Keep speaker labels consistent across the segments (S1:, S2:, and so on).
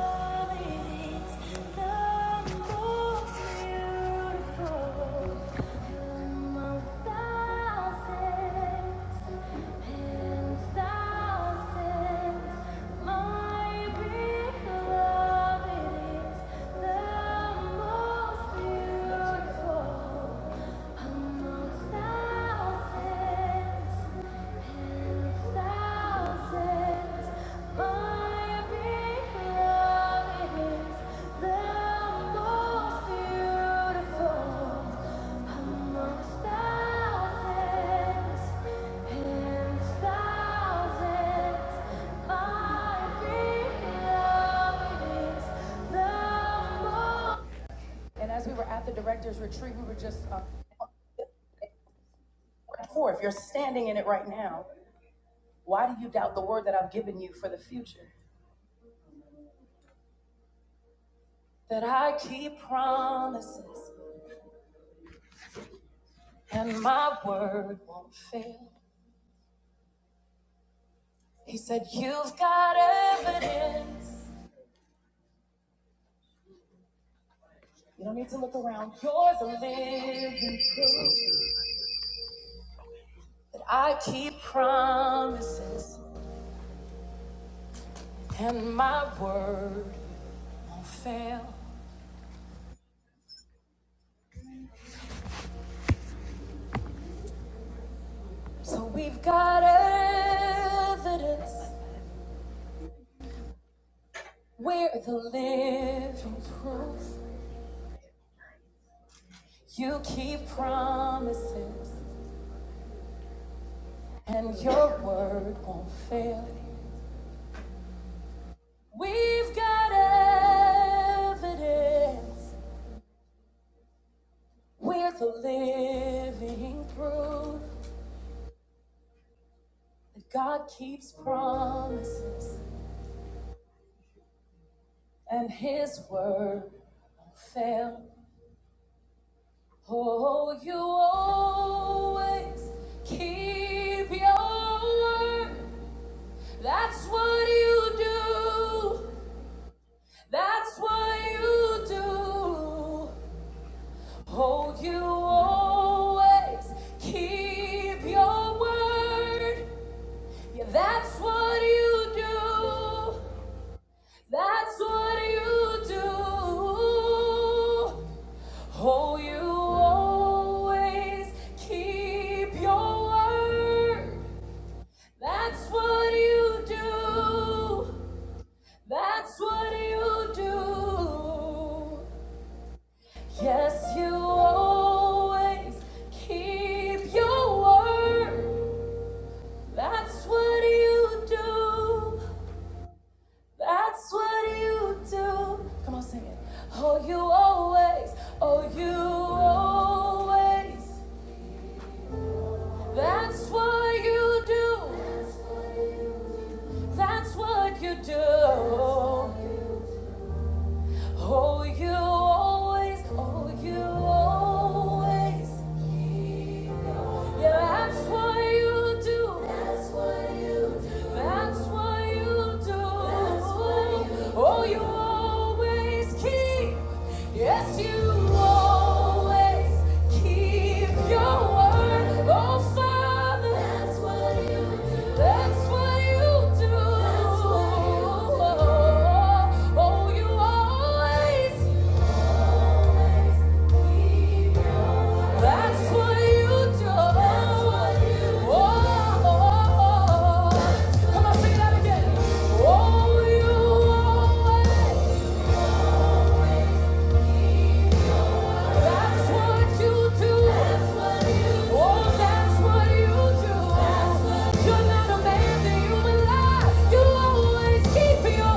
S1: Beautiful among thousands. And as we were at the director's retreat, we were just uh, going forth. You're standing in it right now. Why do you doubt the word that I've given you for the future? That I keep promises and my word won't fail. He said, You've got evidence. You don't need to look around. Yours a living proof. I keep promises and my word won't fail. So we've got evidence. We're the living proof. You keep promises and your word won't fail. We've got evidence. We're the living proof that God keeps promises and his word will not fail. Oh, you always keep your word. That's what you do. That's what you do. Hold you always, keep your word. Yeah, that's what you do. That's what you do. Hold you always, keep your word. That's what you do. That's what you do. Yes, you always keep your word. That's what you do. That's what you do. Come on, sing it. Oh, you always, oh, you always. That's what you do. That's what you do. Oh, you always, oh, you always. Yeah, that's what you do. That's what you do. That's what you do. Oh, you always keep. Yes, you always keep your word. Oh, Father, that's what you do. That's what you do. That's what you do. Oh, you always that's what you do. Oh, come on, sing that again. Oh, you always. That's what you do. Oh, that's what you do. You're not a man that you will lie. You always keep your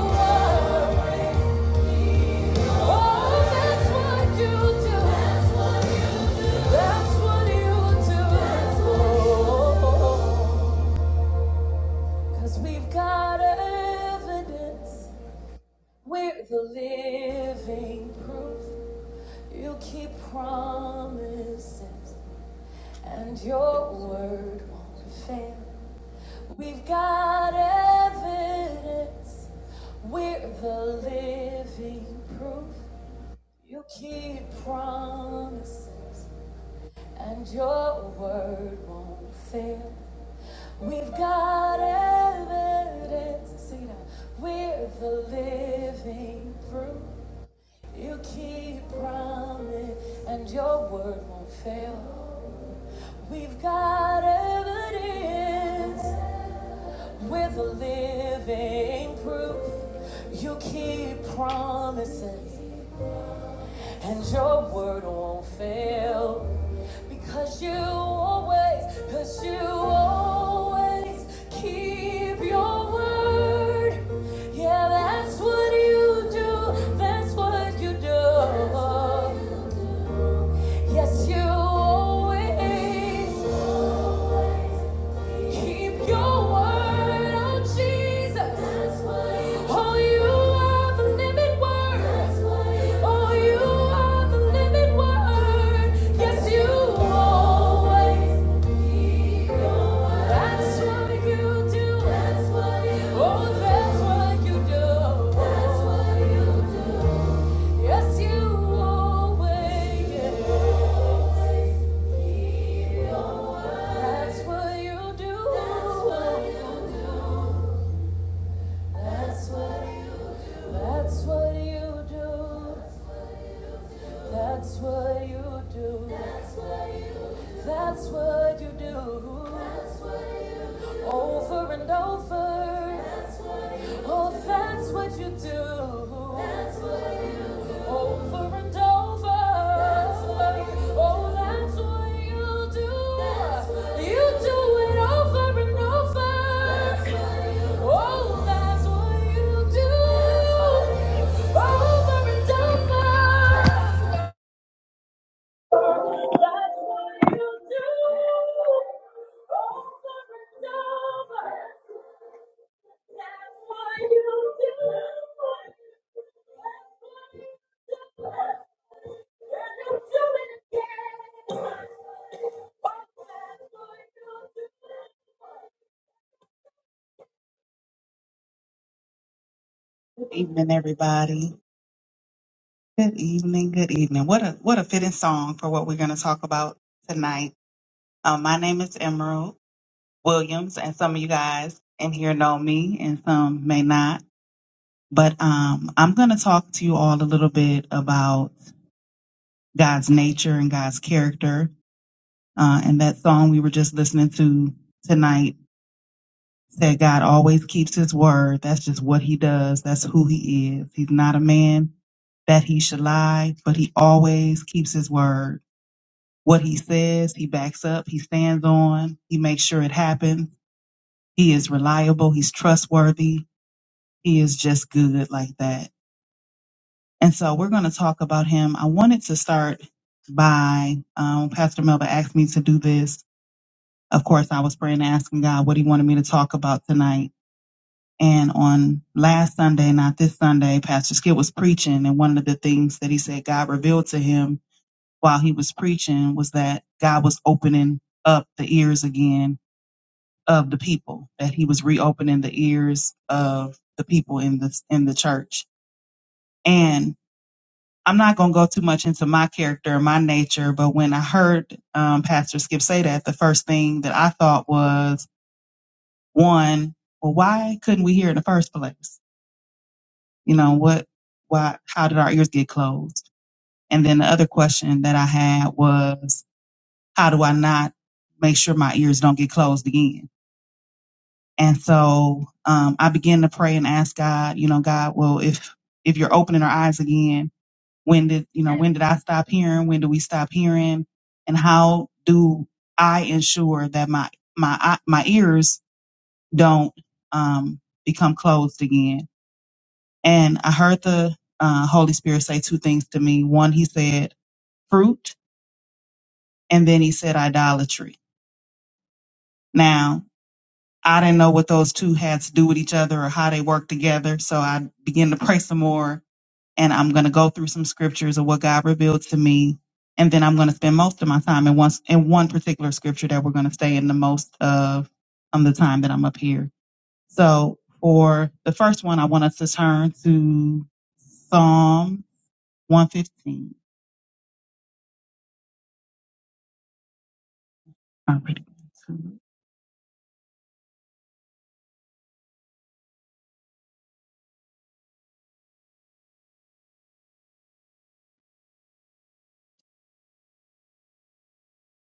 S1: word. Cause we've got evidence. We're the living proof. You keep promises, and your word won't fail. We've got evidence. We're the living proof. You keep promises, And your word won't fail. We've got evidence. Sing it out. We're the living proof. You keep promise, and your word won't fail. We've got evidence. We're the living proof. You keep promises and your word won't fail because you always, because you always keep your word. Yeah, that's what you do. That's what you do. Yes, you always keep your word, oh Jesus. Oh, you are the living word. Oh, you are the living word. Yes, you always. That's what you do. Oh, that's what you do. Yes, you always. That's what you That's what you do. That's what you do. That's what you do. That's what you do. That's what you do. That's what you do. Over and over. That's what you do. oh, that's what you do. That's what you do. Over and over. That's what you do. Oh, that's what you do. That's what you, you do. do it over and over. That's what you do. Oh, that's what you do. That's what you do. Over and over.
S2: evening, everybody. Good evening. Good evening. What a what a fitting song for what we're going to talk about tonight. Um, my name is Emerald Williams, and some of you guys in here know me, and some may not. But um, I'm going to talk to you all a little bit about God's nature and God's character. Uh, and that song we were just listening to tonight said, "God always keeps His word. That's just what He does. That's who He is. He's not a man that he should lie, but he always keeps his word. What he says, he backs up, he stands on, he makes sure it happens. He is reliable, he's trustworthy, he is just good like that. And so we're going to talk about him. I wanted to start by um, Pastor Melba asked me to do this. Of course, I was praying and asking God what he wanted me to talk about tonight. And on last Sunday, not this Sunday, Pastor Skip was preaching, and one of the things that he said God revealed to him while he was preaching was that God was opening up the ears again of the people, that he was reopening the ears of the people in the in the church. And I'm not going to go too much into my character and my nature, but when I heard um, Pastor Skip say that, the first thing that I thought was one, well, why couldn't we hear in the first place? You know what? Why? How did our ears get closed? And then the other question that I had was, how do I not make sure my ears don't get closed again? And so um, I began to pray and ask God, you know, God, well, if if you're opening our eyes again, when did you know when did I stop hearing? When do we stop hearing? And how do I ensure that my my my ears don't um, become closed again? And I heard the uh, Holy Spirit say two things to me. One, He said fruit, and then He said idolatry. Now I didn't know what those two had to do with each other or how they work together. So I began to pray some more and I'm going to go through some scriptures of what God revealed to me. And then I'm going to spend most of my time in one, in one particular scripture that we're going to stay in the most of um, the time that I'm up here. So for the first one, I want us to turn to Psalm 115. All right.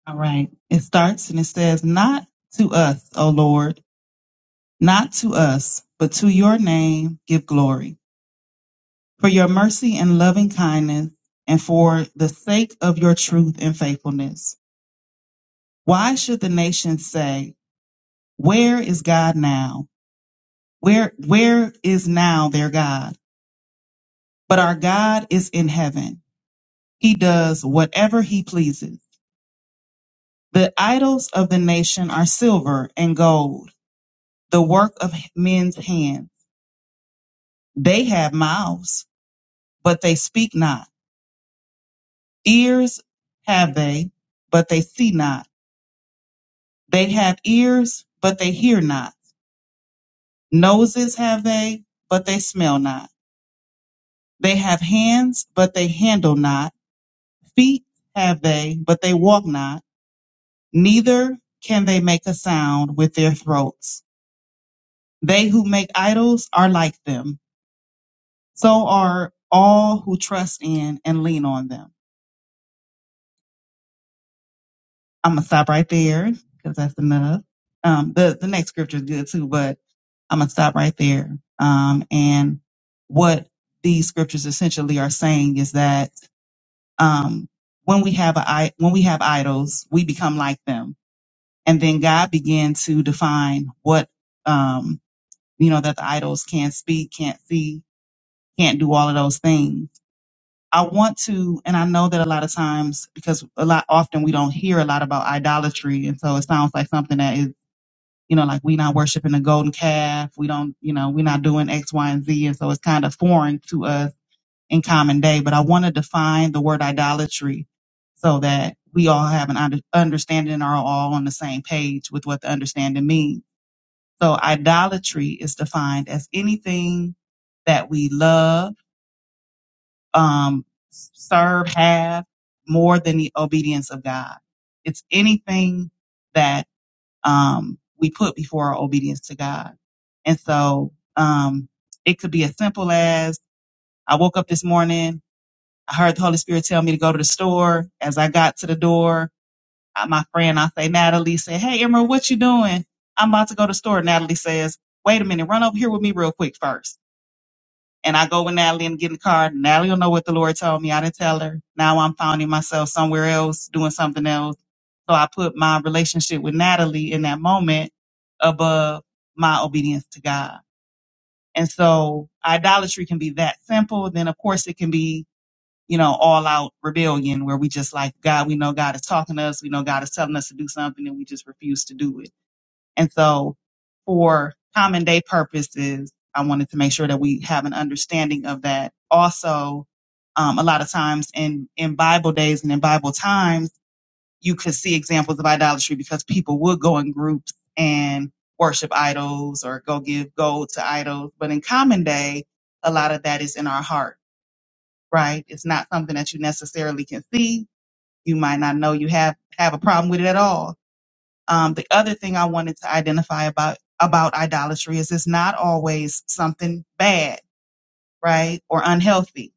S2: All right. It starts and it says, not to us, O Lord Not to us, but to your name give glory, for your mercy and loving kindness, and for the sake of your truth and faithfulness. Why should the nations say, Where is God now? Where where is now their God? But our God is in heaven. He does whatever he pleases. The idols of the nation are silver and gold, the work of men's hands. They have mouths, but they speak not. Ears have they, but they see not. They have ears, but they hear not. Noses have they, but they smell not. They have hands, but they handle not. Feet have they, but they walk not. Neither can they make a sound with their throats. They who make idols are like them. So are all who trust in and lean on them. I'm gonna stop right there because that's enough. Um, the the next scripture is good too, but I'm gonna stop right there. Um, and what these scriptures essentially are saying is that um, when we have a i- when we have idols, we become like them, and then God began to define what um, you know that the idols can't speak, can't see, can't do all of those things. I want to, and I know that a lot of times because a lot often we don't hear a lot about idolatry, and so it sounds like something that is you know, like we are not worshiping a golden calf. We don't, you know, we're not doing X, Y, and Z. And so it's kind of foreign to us in common day. But I want to define the word idolatry so that we all have an under- understanding and are all on the same page with what the understanding means. So idolatry is defined as anything that we love, um, serve, have more than the obedience of God. It's anything that um, we put before our obedience to God. And so um, it could be as simple as I woke up this morning, I heard the Holy Spirit tell me to go to the store. As I got to the door, uh, my friend, I say, Natalie said, Hey, Emerald, what you doing? I'm about to go to the store. Natalie says, Wait a minute, run over here with me real quick first. And I go with Natalie and get in the car. Natalie will know what the Lord told me. I didn't tell her. Now I'm finding myself somewhere else doing something else. So I put my relationship with Natalie in that moment above my obedience to God. And so idolatry can be that simple. Then of course it can be, you know, all out rebellion where we just like God, we know God is talking to us. We know God is telling us to do something and we just refuse to do it. And so for common day purposes, I wanted to make sure that we have an understanding of that. Also, um, a lot of times in, in Bible days and in Bible times, you could see examples of idolatry because people would go in groups and worship idols or go give gold to idols. But in common day, a lot of that is in our heart, right? It's not something that you necessarily can see. You might not know you have, have a problem with it at all um, the other thing I wanted to identify about about idolatry is it's not always something bad, right, or unhealthy.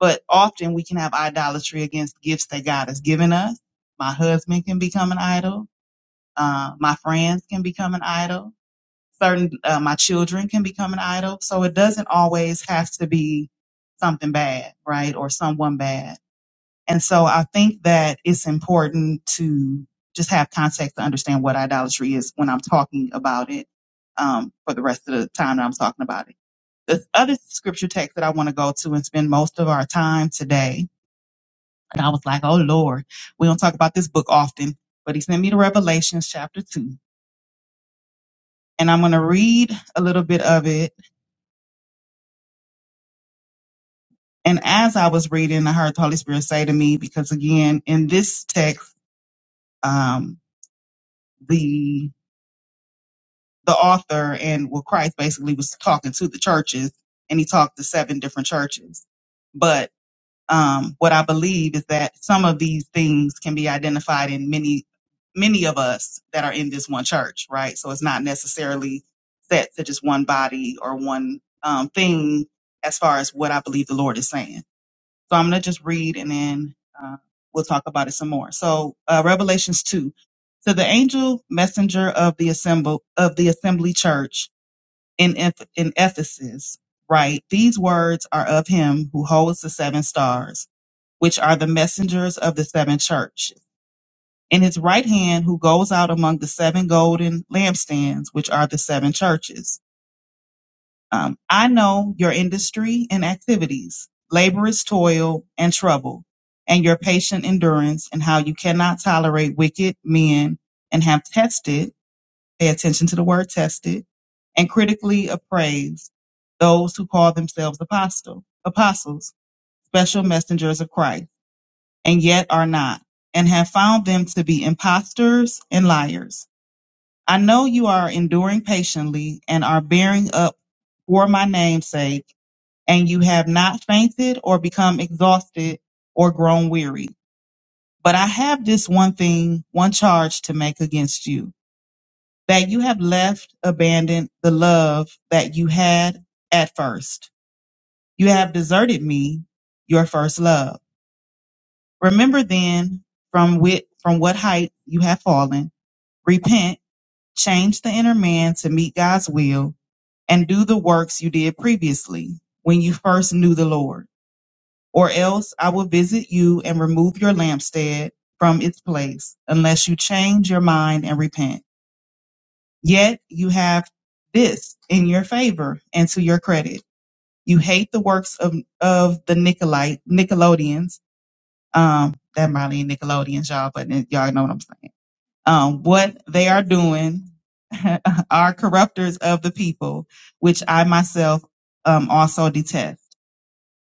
S2: But often we can have idolatry against gifts that God has given us. My husband can become an idol. Uh, my friends can become an idol. Certain uh, my children can become an idol. So it doesn't always have to be something bad, right, or someone bad and so I think that it's important to just have context to understand what idolatry is when I'm talking about it um, for the rest of the time that I'm talking about it. The other scripture text that I want to go to and spend most of our time today, and I was like, oh Lord, we don't talk about this book often, but he sent me to Revelations chapter 2. And I'm going to read a little bit of it. And as I was reading, I heard the Holy Spirit say to me, because again, in this text, um, the the author and well christ basically was talking to the churches and he talked to seven different churches but um, what i believe is that some of these things can be identified in many many of us that are in this one church right so it's not necessarily set to just one body or one um, thing as far as what i believe the lord is saying so I'm going to just read and then uh, we'll talk about it some more. So uh, Revelations 2. To the angel messenger of the assemble of the assembly church in Eph- in Ephesus, write: These words are of him who holds the seven stars, which are the messengers of the seven churches. In his right hand, who goes out among the seven golden lampstands, which are the seven churches. Um, I know your industry and activities, laborious toil and trouble, and your patient endurance, and how you cannot tolerate wicked men and have tested, pay attention to the word tested, and critically appraised those who call themselves apostle, apostles, special messengers of Christ, and yet are not, and have found them to be impostors and liars. I know you are enduring patiently and are bearing up for my name's sake and you have not fainted or become exhausted or grown weary. But I have this one thing, one charge to make against you, that you have left, abandoned the love that you had at first. You have deserted me, your first love. Remember then from wit, from what height you have fallen, repent, change the inner man to meet God's will, and do the works you did previously when you first knew the Lord. or else I will visit you and remove your lampstand from its place, unless you change your mind and repent. Yet you have this in your favor and to your credit. You hate the works of, of the Nicolite, Nickelodeons. Um, that might ain't Nickelodeons, y'all, but y'all know what I'm saying. Um, what they are doing are corrupters of the people, which I myself um, also detest.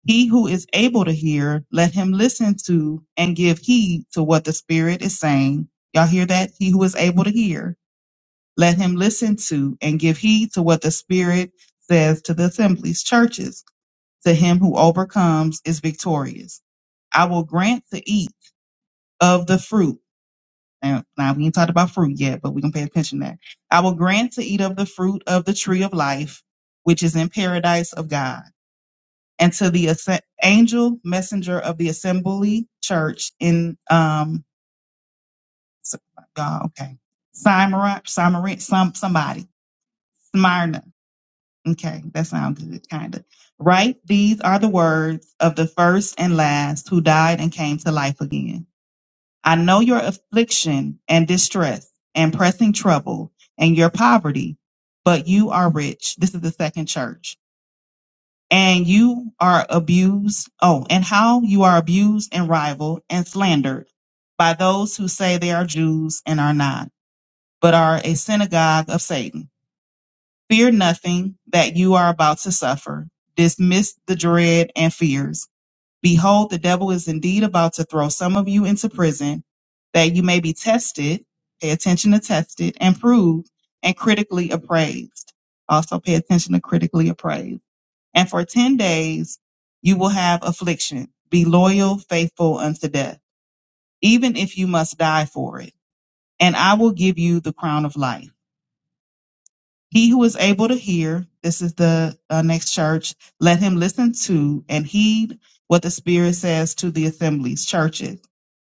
S2: He who is able to hear, let him listen to and give heed to what the Spirit is saying. Y'all hear that? He who is able to hear, let him listen to and give heed to what the Spirit says to the assemblies, churches. To him who overcomes is victorious. I will grant to eat of the fruit. Now, now we ain't talked about fruit yet, but we can pay attention to that. I will grant to eat of the fruit of the tree of life, which is in paradise of God and to the asse- angel messenger of the assembly church in um S- God, okay Smyrna, Smyrna, some somebody Smyrna. Okay, that sounds good, kind of. Right? These are the words of the first and last who died and came to life again. I know your affliction and distress and pressing trouble and your poverty, but you are rich. This is the second church and you are abused, oh, and how you are abused and rivaled and slandered by those who say they are Jews and are not, but are a synagogue of Satan. Fear nothing that you are about to suffer. Dismiss the dread and fears. Behold, the devil is indeed about to throw some of you into prison that you may be tested, pay attention to tested, and proved, and critically appraised. Also pay attention to critically appraised and for ten days you will have affliction. Be loyal, faithful unto death, even if you must die for it. And I will give you the crown of life. He who is able to hear, this is the uh, next church, let him listen to and heed what the Spirit says to the assemblies, churches.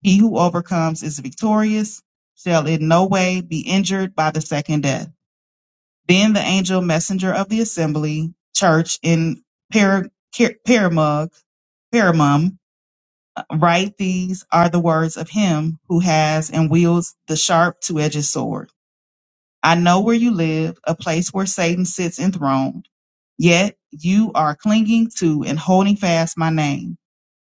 S2: He who overcomes is victorious, shall in no way be injured by the second death. Then the angel messenger of the assembly church in Par- Car- Paramug, Paramum, write these are the words of him who has and wields the sharp two edged sword. I know where you live, a place where Satan sits enthroned, yet you are clinging to and holding fast my name,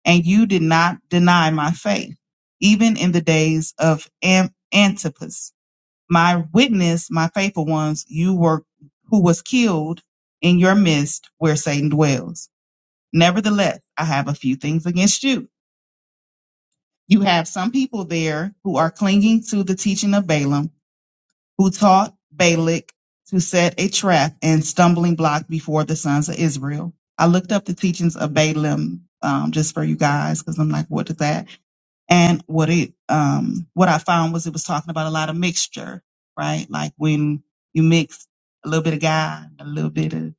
S2: and you did not deny my faith, even in the days of Am- Antipas my witness, my faithful ones, you were who was killed in your midst where Satan dwells. Nevertheless, I have a few things against you. You have some people there who are clinging to the teaching of Balaam, who taught Balak to set a trap and stumbling block before the sons of Israel. I looked up the teachings of Balaam um, just for you guys because I'm like, what is that? And what it um what I found was it was talking about a lot of mixture, right? Like when you mix a little bit of God, a little bit of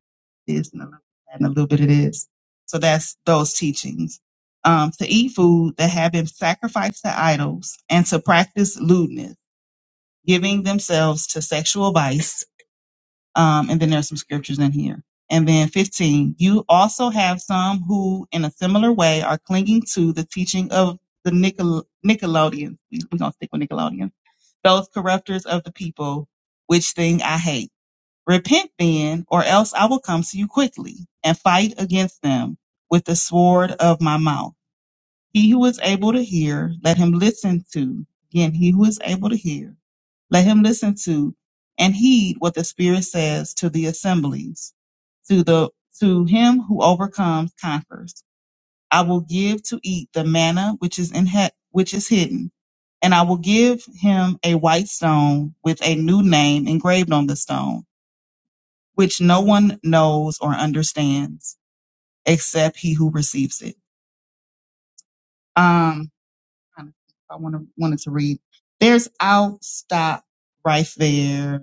S2: this and a little bit of that and a little bit of this. So that's those teachings. Um, to eat food that have been sacrificed to idols and to practice lewdness, giving themselves to sexual vice um, and then there's some scriptures in here. And then 15, you also have some who, in a similar way, are clinging to the teaching of the Nicol- Nickelodeons. We're going to stick with Nickelodeon. Those corrupters of the people, which thing I hate. Repent then, or else I will come to you quickly and fight against them with the sword of my mouth. He who is able to hear, let him listen to. Again, he who is able to hear, let him listen to and heed what the Spirit says to the assemblies. To the to him who overcomes conquers. I will give to eat the manna which is in he- which is hidden, and I will give him a white stone with a new name engraved on the stone, which no one knows or understands except he who receives it. Um. trying to think if I want to wanted to read. There's. I'll stop right there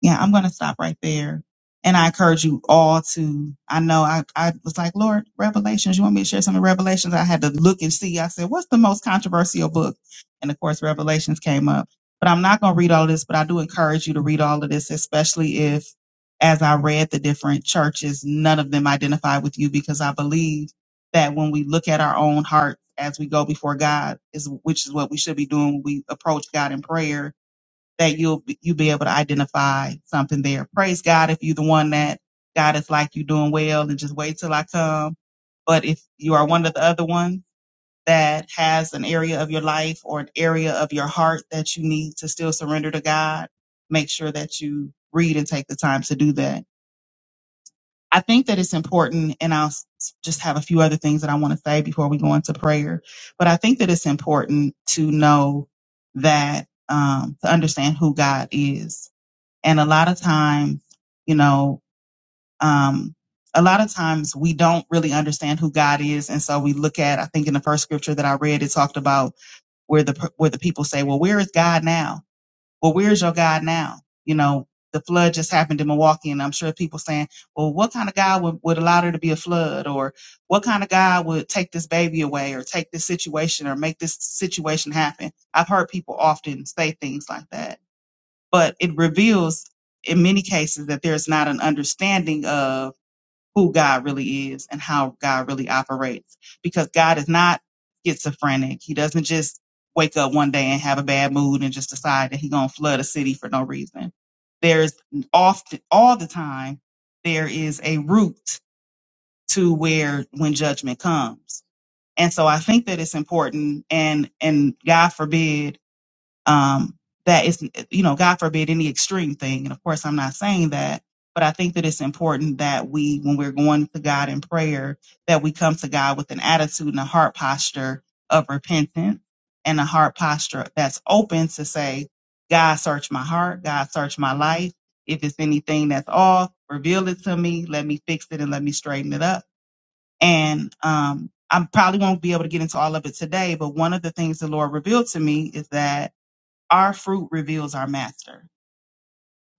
S2: yeah, I'm going to stop right there. And I encourage you all to, I know I, I was like, Lord, Revelations, you want me to share some of Revelations? I had to look and see. I said, what's the most controversial book? And of course, Revelations came up. But I'm not going to read all this, but I do encourage you to read all of this, especially if, as I read the different churches, none of them identify with you because I believe that when we look at our own heart as we go before God, is which is what we should be doing when we approach God in prayer that you'll be- you'll be able to identify something there. Praise God if you're the one that God is like you doing well and just wait till I come. But if you are one of the other ones that has an area of your life or an area of your heart that you need to still surrender to God, make sure that you read and take the time to do that. I think that it's important, and I'll s- just have a few other things that I want to say before we go into prayer. But I think that it's important to know that um, to understand who God is and a lot of times, you know, um, a lot of times we don't really understand who God is, and so we look at. I think in the first scripture that I read, it talked about where the where the people say, "Well, where is God now? Well, where is your God now?" You know, the flood just happened in Milwaukee, and I'm sure people saying, "Well, what kind of God would, would allow there to be a flood, or what kind of God would take this baby away, or take this situation, or make this situation happen?" I've heard people often say things like that but it reveals in many cases that there's not an understanding of who God really is and how God really operates because God is not schizophrenic. He doesn't just wake up one day and have a bad mood and just decide that he's going to flood a city for no reason. There's often, all the time, there is a route to where when judgment comes. And so I think that it's important and, and God forbid um, that is, you know, God forbid any extreme thing. And of course, I'm not saying that, but I think that it's important that we, when we're going to God in prayer, that we come to God with an attitude and a heart posture of repentance and a heart posture that's open to say, God, search my heart, God, search my life. If it's anything that's off, reveal it to me. Let me fix it and let me straighten it up. And um, I probably won't be able to get into all of it today, but one of the things the Lord revealed to me is that our fruit reveals our master.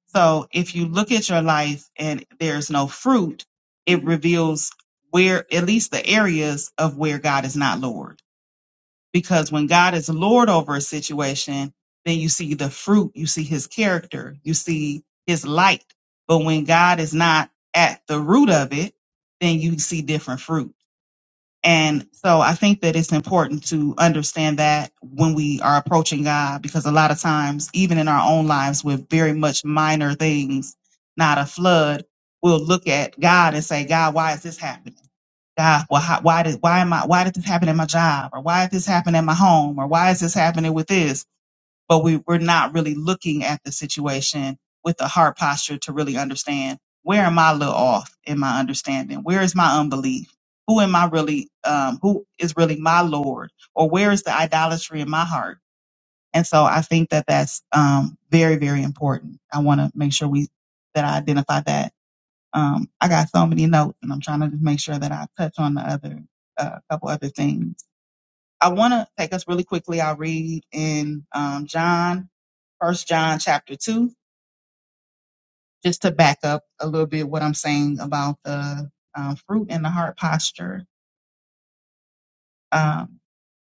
S2: So if you look at your life and there's no fruit, it reveals where, at least the areas of where God is not Lord. Because when God is Lord over a situation, then you see the fruit, you see his character, you see his light. But when God is not at the root of it, then you see different fruit. And so I think that it's important to understand that when we are approaching God, because a lot of times, even in our own lives with very much minor things, not a flood, we'll look at God and say, God, why is this happening? God, well, how, why did, why am I, why did this happen at my job? Or why did this happen at my home? Or why is this happening with this? but we, we're not really looking at the situation with a heart posture to really understand where am I a little off in my understanding? Where is my unbelief? Who am I really, um, who is really my Lord? Or where is the idolatry in my heart? And so I think that that's um, very, very important. I want to make sure we that I identify that. Um, I got so many notes, and I'm trying to just make sure that I touch on the other, a couple other things. I want to take us really quickly. I'll read in um, John, First John chapter two, just to back up a little bit what I'm saying about the um, fruit and the heart posture. Um,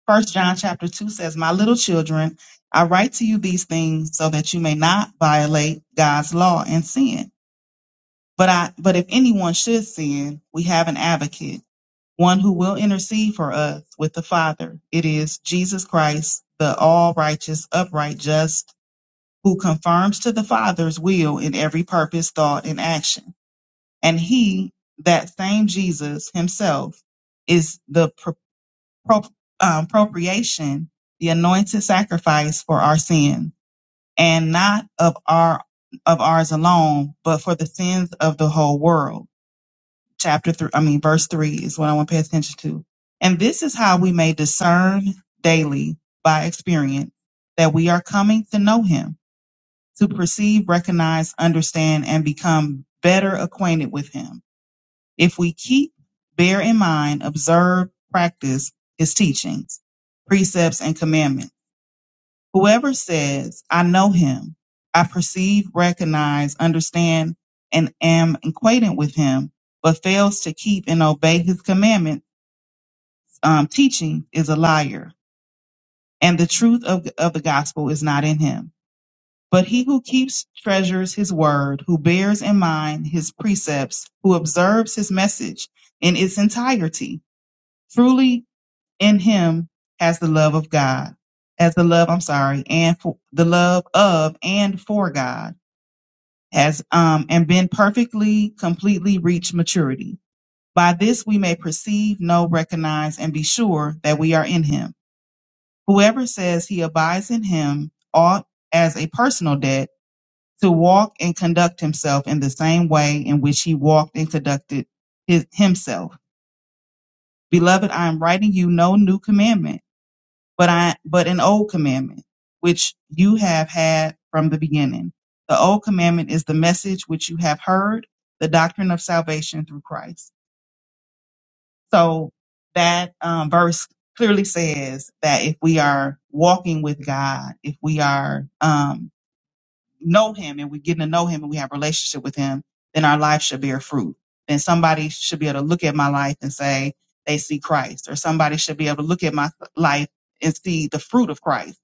S2: First John chapter two says, "My little children, I write to you these things so that you may not violate God's law and sin. But I, but if anyone should sin, we have an advocate." One who will intercede for us with the Father. It is Jesus Christ, the all righteous, upright, just, who confirms to the Father's will in every purpose, thought, and action. And he, that same Jesus himself, is the pro- pro- um, propitiation, the anointed sacrifice for our sin, and not of our of ours alone, but for the sins of the whole world. Chapter three, I mean, verse three is what I want to pay attention to. And this is how we may discern daily by experience that we are coming to know him to perceive, recognize, understand, and become better acquainted with Him. If we keep, bear in mind, observe, practice His teachings, precepts, and commandments. Whoever says, I know Him, I perceive, recognize, understand, and am acquainted with Him, but fails to keep and obey His commandments, um, teaching is a liar, and the truth of, of the gospel is not in Him. But he who keeps treasures his word, who bears in mind his precepts, who observes his message in its entirety, truly in him has the love of God, as the love, I'm sorry, and for, the love of and for God has, um, and been perfectly, completely reached maturity. By this we may perceive, know, recognize, and be sure that we are in him. Whoever says he abides in him ought as a personal debt to walk and conduct himself in the same way in which he walked and conducted his, himself. Beloved, I am writing you no new commandment, but I but an old commandment which you have had from the beginning. The old commandment is the message which you have heard, the doctrine of salvation through Christ. So that um, verse clearly says that if we are walking with God, if we are um, know him and we're getting to know him and we have a relationship with him, then our life should bear fruit. Then somebody should be able to look at my life and say they see Christ, or somebody should be able to look at my life and see the fruit of Christ.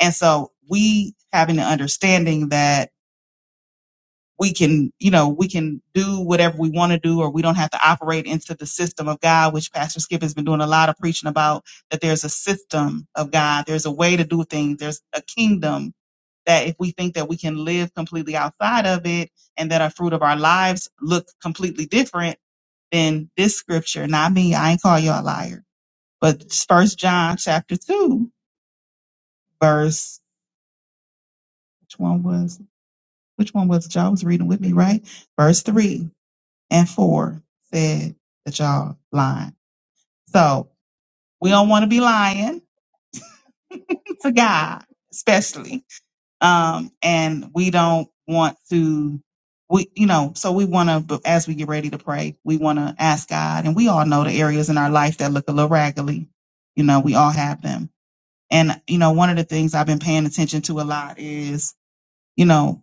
S2: And so we having the understanding that we can, you know, we can do whatever we want to do, or we don't have to operate into the system of God, which Pastor Skip has been doing a lot of preaching about, that there's a system of God, there's a way to do things, there's a kingdom that if we think that we can live completely outside of it and that our fruit of our lives look completely different, then this scripture, not me, I ain't call you all a liar. But first John chapter two, verse which one was which one was it? y'all was reading with me, right? Verse three and four said that y'all lying. So we don't want to be lying to God, especially um, and we don't want to we you know so we want to as we get ready to pray we want to ask god and we all know the areas in our life that look a little raggedy you know we all have them and you know one of the things i've been paying attention to a lot is you know,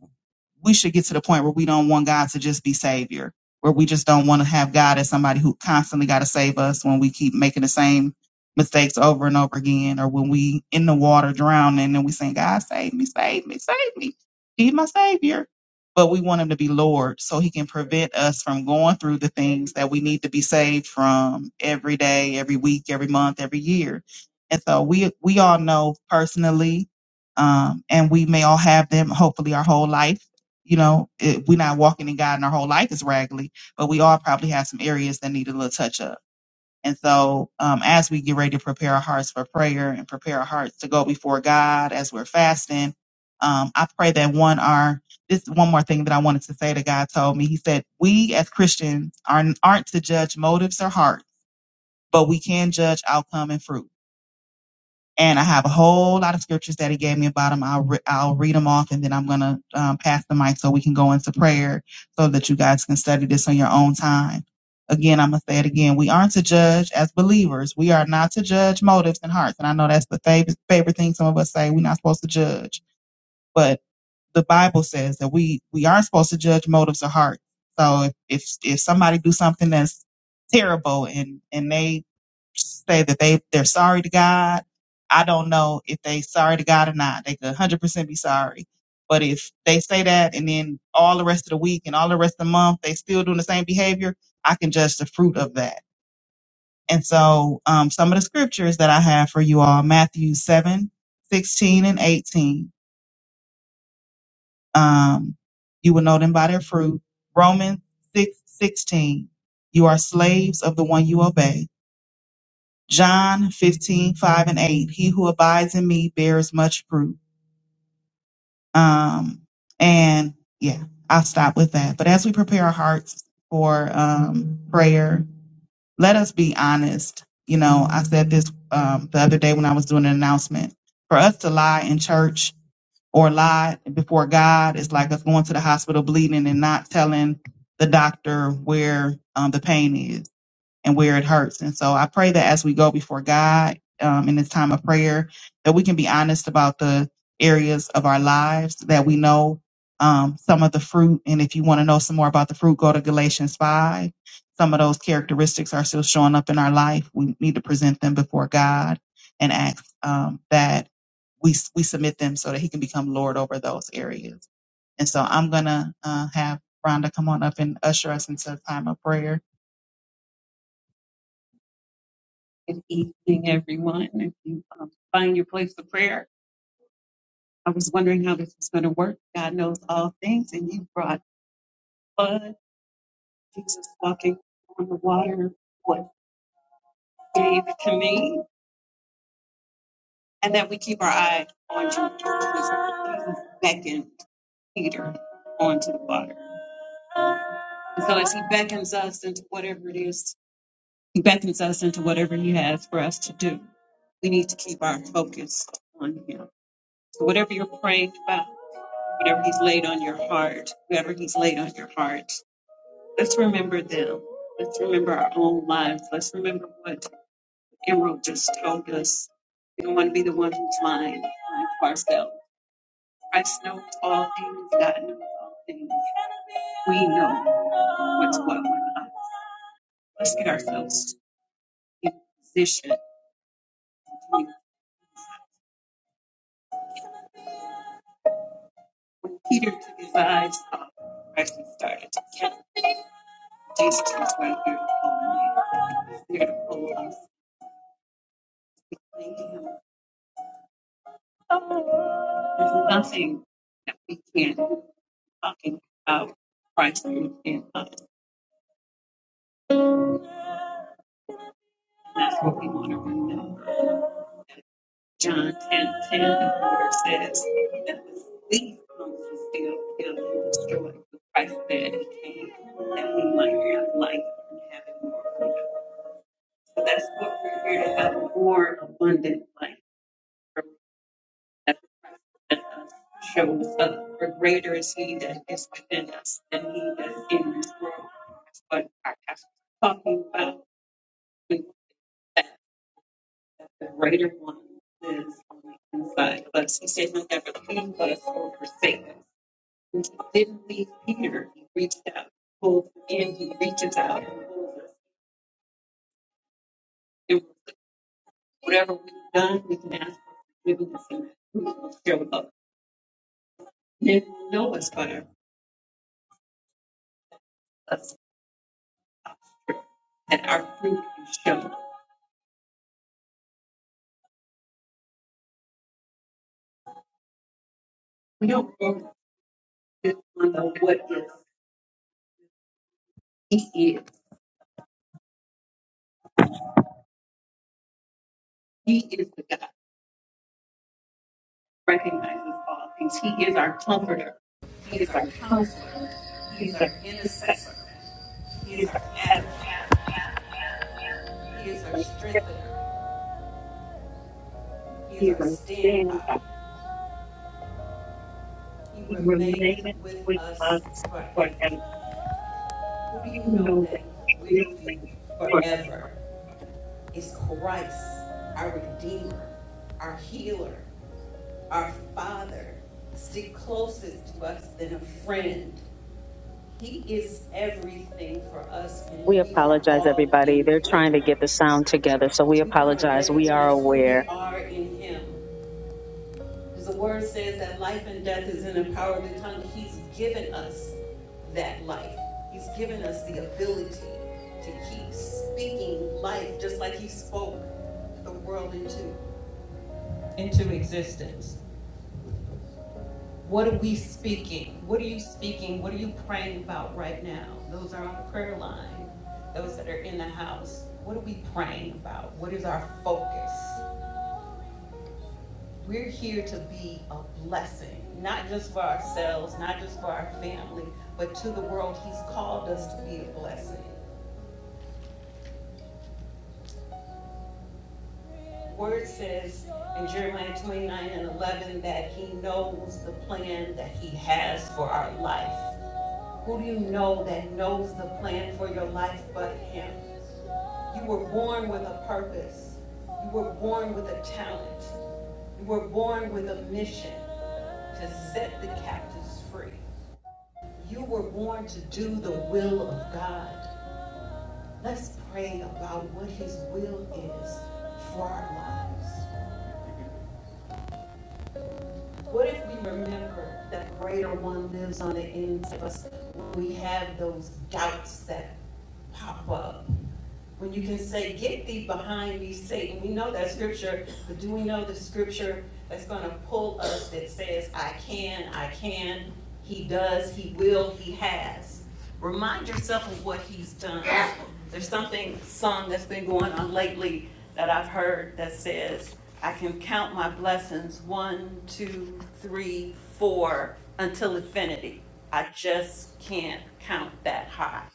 S2: we should get to the point where we don't want God to just be savior, where we just don't want to have God as somebody who constantly got to save us when we keep making the same mistakes over and over again, or when we in the water drowning and we saying, God, save me, save me, save me. He's my savior. But we want him to be Lord so he can prevent us from going through the things that we need to be saved from every day, every week, every month, every year. And so we we all know personally um, and we may all have them hopefully our whole life you know it, we're not walking in god and our whole life is raggedy but we all probably have some areas that need a little touch up and so um, as we get ready to prepare our hearts for prayer and prepare our hearts to go before god as we're fasting um, i pray that one our this is one more thing that i wanted to say that god told me he said we as christians aren't, aren't to judge motives or hearts but we can judge outcome and fruit and I have a whole lot of scriptures that he gave me about them. I'll re- I'll read them off, and then I'm gonna um, pass the mic so we can go into prayer, so that you guys can study this on your own time. Again, I'm gonna say it again. We aren't to judge as believers. We are not to judge motives and hearts. And I know that's the favorite favorite thing some of us say. We're not supposed to judge, but the Bible says that we we aren't supposed to judge motives or hearts. So if if, if somebody do something that's terrible and and they say that they they're sorry to God. I don't know if they sorry to God or not. They could 100% be sorry. But if they say that and then all the rest of the week and all the rest of the month they still doing the same behavior, I can judge the fruit of that. And so um, some of the scriptures that I have for you all, Matthew 7 16 and 18, um, you will know them by their fruit. Romans 6 16. you are slaves of the one you obey John 15 5 and 8. He who abides in me bears much fruit. Um, and yeah, I'll stop with that. But as we prepare our hearts for um, prayer, let us be honest. You know, I said this um, the other day when I was doing an announcement. For us to lie in church or lie before God is like us going to the hospital bleeding and not telling the doctor where um, the pain is and where it hurts. And so I pray that as we go before God um, in this time of prayer, that we can be honest about the areas of our lives that we know um, some of the fruit. And if you want to know some more about the fruit, go to Galatians 5. Some of those characteristics are still showing up in our life. We need to present them before God and ask um, that we, we submit them so that He can become Lord over those areas. And so I'm going to uh, have Rhonda come on up and usher us into a time of prayer. Good evening, everyone. If you um, find your place of prayer, I was wondering how this was going to work. God knows all things, and you brought blood, Jesus walking on the water, what gave to me, and that we keep our eyes on you. because Jesus beckoned Peter onto the water. And so, as he beckons us into whatever it is, he beckons us into whatever he has for us to do, we need to keep our focus on him. So, whatever you're praying about, whatever he's laid on your heart, whoever he's laid on your heart. Let's remember them. Let's remember our own lives. Let's remember what Emerald just told us. We don't want to be the one who's lying, lying to ourselves. Christ knows all things. God knows all things. We know what's what we not. Let's get ourselves in position. When Peter took his eyes off Christ and started to count, Jesus was right there to pull him in. He was There to pull us. We cling to him There's nothing that we can't talk about Christ within us. That's what we want to remember. John ten ten 10 the word says that the thief comes to steal, kill, and destroy. But Christ said he came that we might have life and have it more abundantly. So that's what we're here to have more abundant life. that shows us for greater is he that is within us than he that is in this world. That's what our pastor's talking about. We want that that the greater one is on the inside of us. He said he'll never leave us or forsake us. And he didn't leave Peter. He reached out, pulls him in, he reaches out and pulls us. And whatever we've done, we can ask for forgiveness and we will show up. Then he'll know us by our love. and our fruit is shown. We don't focus just on the what is. He is. He is the God who recognizes all things. He is our comforter. He
S1: He
S2: is
S1: is
S2: our
S1: our
S2: comfort.
S1: counselor. He
S2: He
S1: is
S2: is
S1: our
S2: our protector.
S1: intercessor. He
S2: He
S1: is
S2: is
S1: our
S2: our
S1: advocate. He is our
S2: advocate.
S1: strengthener. He
S2: He
S1: is
S2: is
S1: our
S2: our
S1: standby.
S2: standby.
S1: He
S2: He
S1: remaineth
S2: remains
S1: with
S2: with
S1: us
S2: us
S1: forever.
S2: forever.
S1: Who do you
S2: We
S1: know
S2: know
S1: that will
S2: that.
S1: be forever? Is Christ, our Redeemer, our Healer, our Father, stick closest to us than a friend. He is everything for us,
S3: We
S1: and we are
S3: apologize,
S1: all
S3: everybody.
S1: in
S3: They're trying to
S1: Him.
S3: get the sound together, so we
S1: We want to
S3: apologize. We are
S1: recognize who
S3: aware
S1: we are in Him. Because the word says that life and death is in the power of the tongue. He's given us that life. He's given us the ability to keep speaking life, just like He spoke the world into into existence. What are we speaking? What are you speaking? What are you praying about right now? Those are on the prayer line. Those that are in the house. What are we praying about? What is our focus? We're here to be a blessing, not just for ourselves, not just for our family, but to the world. He's called us to be a blessing. Word says in Jeremiah 29 and 11 that He knows the plan that He has for our life. Who do you know that knows the plan for your life but Him? You were born with a purpose, you were born with a talent, you were born with a mission to set the captives free. You were born to do the will of God. Let's pray about what His will is for our lives. What if we remember that greater one lives on the inside of us when we have those doubts that pop up? When you can say, get thee behind me, Satan, we know that scripture, but do we know the scripture that's gonna pull us that says, I can, I can, he does, he will, he has? Remind yourself of what he's done. There's something, song that's been going on lately that I've heard that says, I can count my blessings, one, two, three, four, until infinity. I just can't count that high.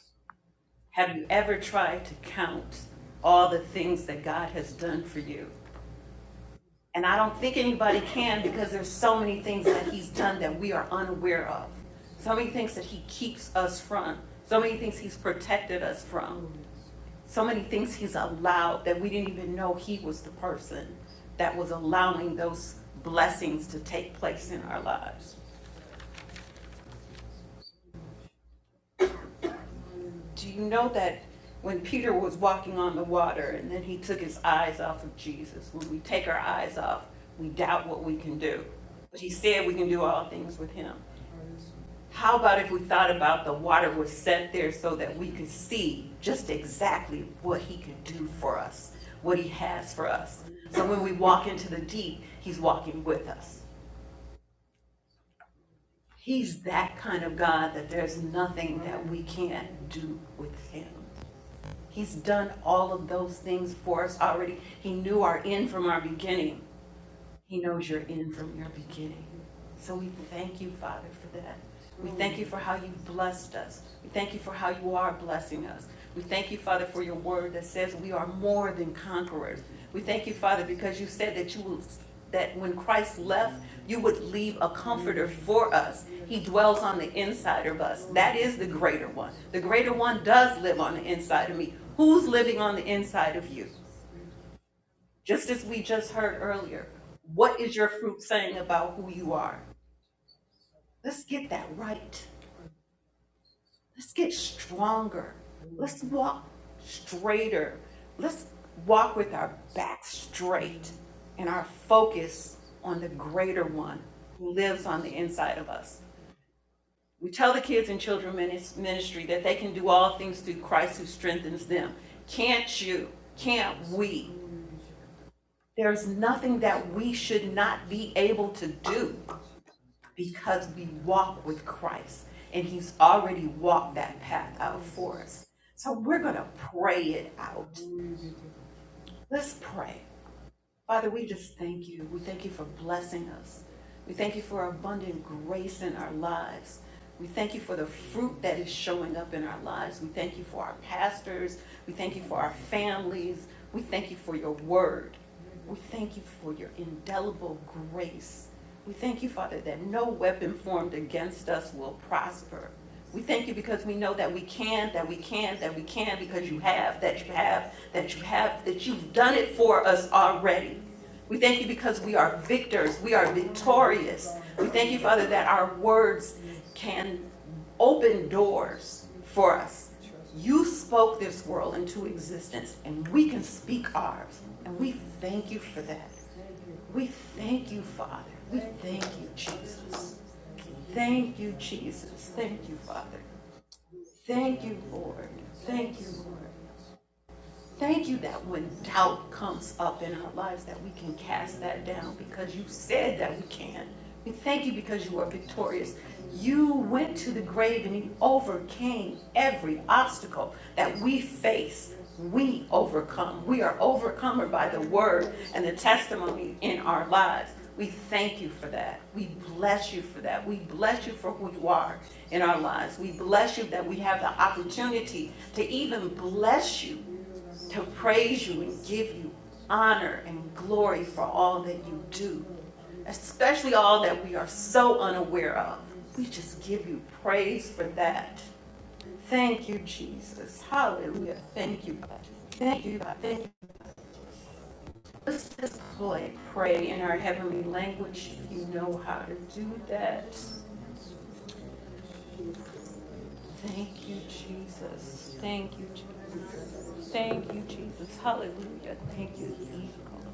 S1: Have you ever tried to count all the things that God has done for you? And I don't think anybody can because there's so many things that He's done that we are unaware of. So many things that He keeps us from. So many things He's protected us from. So many things He's allowed that we didn't even know He was the person that was allowing those blessings to take place in our lives. Do you know that when Peter was walking on the water and then he took his eyes off of Jesus, when we take our eyes off, we doubt what we can do. But he said we can do all things with him. How about if we thought about the water was set there so that we could see just exactly what he can do for us, what he has for us? So when we walk into the deep, he's walking with us. He's that kind of God that there's nothing that we can't do with him. He's done all of those things for us already. He knew our end from our beginning. He knows you're in from your beginning. So we thank you, Father, for that. We thank you for how you blessed us. We thank you for how you are blessing us. We thank you, Father, for your word that says we are more than conquerors. We thank you, Father, because you said that you will, that when Christ left, you would leave a comforter for us. He dwells on the inside of us. That is the greater one. The greater one does live on the inside of me. Who's living on the inside of you? Just as we just heard earlier, what is your fruit saying about who you are? Let's get that right. Let's get stronger. Let's walk straighter. Let's walk with our back straight and our focus on the greater one who lives on the inside of us. We tell the kids in children's ministry that they can do all things through Christ who strengthens them. Can't you? Can't we? There's nothing that we should not be able to do. because we walk with Christ and He's already walked that path out for us. So we're going to pray it out. Let's pray. Father, we just thank you. We thank you for blessing us. We thank you for abundant grace in our lives. We thank you for the fruit that is showing up in our lives. We thank you for our pastors. We thank you for our families. We thank you for your word. We thank you for your indelible grace. We thank you, Father, that no weapon formed against us will prosper. We thank you because we know that we can, that we can, that we can, because you have, that you have, that you have, that you've done it for us already. We thank you because we are victors, we are victorious. We thank you, Father, that our words can open doors for us. You spoke this world into existence, and we can speak ours, and we thank you for that. We thank you, Father. We thank you, Jesus. Thank you, Jesus. Thank you, Father. Thank you, Lord. Thank you, Lord. Thank you that when doubt comes up in our lives, that we can cast that down because you said that we can. We thank you because you are victorious. You went to the grave and you overcame every obstacle that we face. We overcome. We are overcomer by the word and the testimony in our lives. We thank you for that. We bless you for that. We bless you for who you are in our lives. We bless you that we have the opportunity to even bless you to praise you and give you honor and glory for all that you do, especially all that we are so unaware of. We just give you praise for that. Thank you, Jesus. Hallelujah. Thank you. Thank you. Thank you. Let's just pray. pray in our heavenly language if you know how to do that. Thank you, Jesus. Thank you, Jesus. Thank you, Jesus. Hallelujah. Thank you, Jesus.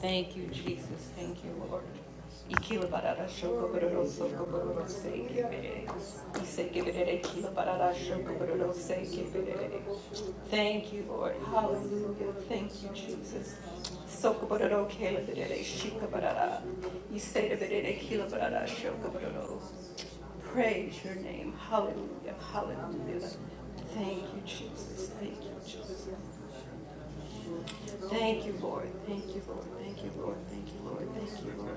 S1: Thank you, Jesus. Thank you, Lord. Ikila barara shoko bororo soko bororo se kebere. Ise kebere ikila barara shoko bororo se kebere. Thank you, Lord. Hallelujah. Thank you, Jesus. Soko bororo kele berere shika barara. Ise berere ikila barara shoko bororo. Praise your name. Hallelujah. Hallelujah. Thank you, Jesus. Thank you, Jesus. Thank you, Lord. Thank you, Lord. Thank you, Lord. Thank you, Lord. Thank you, Lord.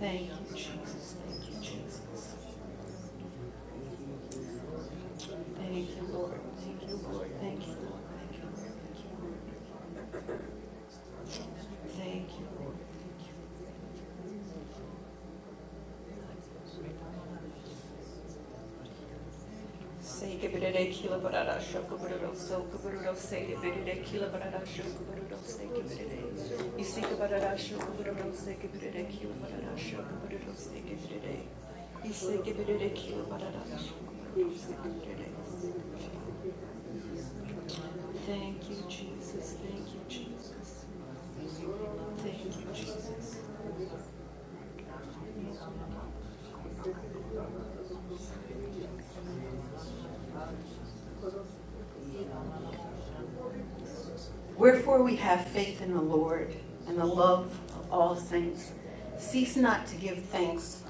S1: Thank you, Jesus. Thank you, Jesus. Thank you, Lord. Thank you, Lord. Thank you, Lord. Thank you, Lord. Thank you, Lord. Thank you, Lord. Thank you. Say kibirere kila barara shoko bararo so say kibirere kila barara shoko say kibirere. You see kibarara shoko bararo say kibirere kila barara shoko bararo say kibirere. say kibirere kila barara shoko say Thank you, Jesus. Thank you, Jesus. Thank you, Jesus. Wherefore we have faith in the Lord and the love of all saints. Cease not to give thanks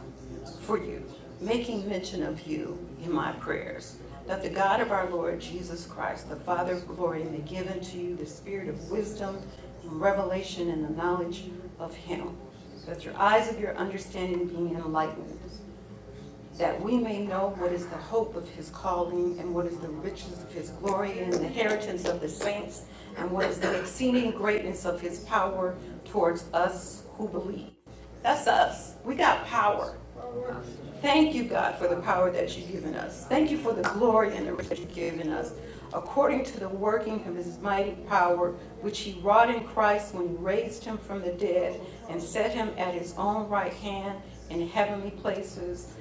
S1: for you, making mention of you in my prayers, that the God of our Lord Jesus Christ, the Father of glory, may give unto you the spirit of wisdom and revelation and the knowledge of him, that your eyes of your understanding be enlightened that we may know what is the hope of his calling and what is the riches of his glory and the inheritance of the saints and what is the exceeding greatness of his power towards us who believe. That's us. We got power. Thank you, God, for the power that you've given us. Thank you for the glory and the riches you've given us, according to the working of his mighty power, which he wrought in Christ when he raised him from the dead and set him at his own right hand in heavenly places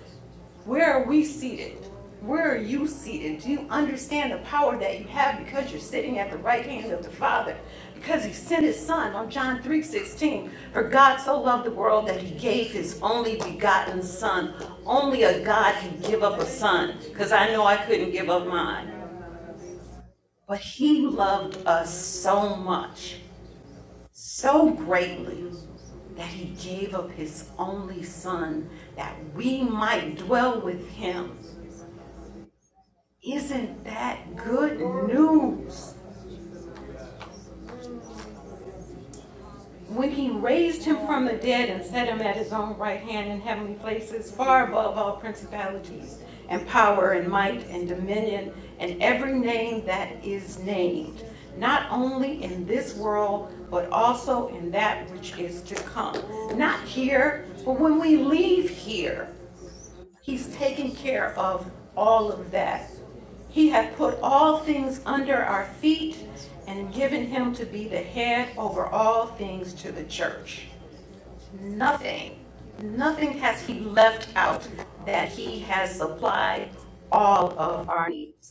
S1: where are we seated? Where are you seated? Do you understand the power that you have because you're sitting at the right hand of the Father? Because he sent his son on John 3:16. For God so loved the world that he gave his only begotten son. Only a God can give up a son. Because I know I couldn't give up mine. But he loved us so much, so greatly that he gave up his only son that we might dwell with him. Isn't that good news? When he raised him from the dead and set him at his own right hand in heavenly places, far above all principalities and power and might and dominion and every name that is named, not only in this world, but also in that which is to come. Not here, but when we leave here. He's taken care of all of that. He hath put all things under our feet and given him to be the head over all things to the church. Nothing, nothing has he left out that he has supplied all of our needs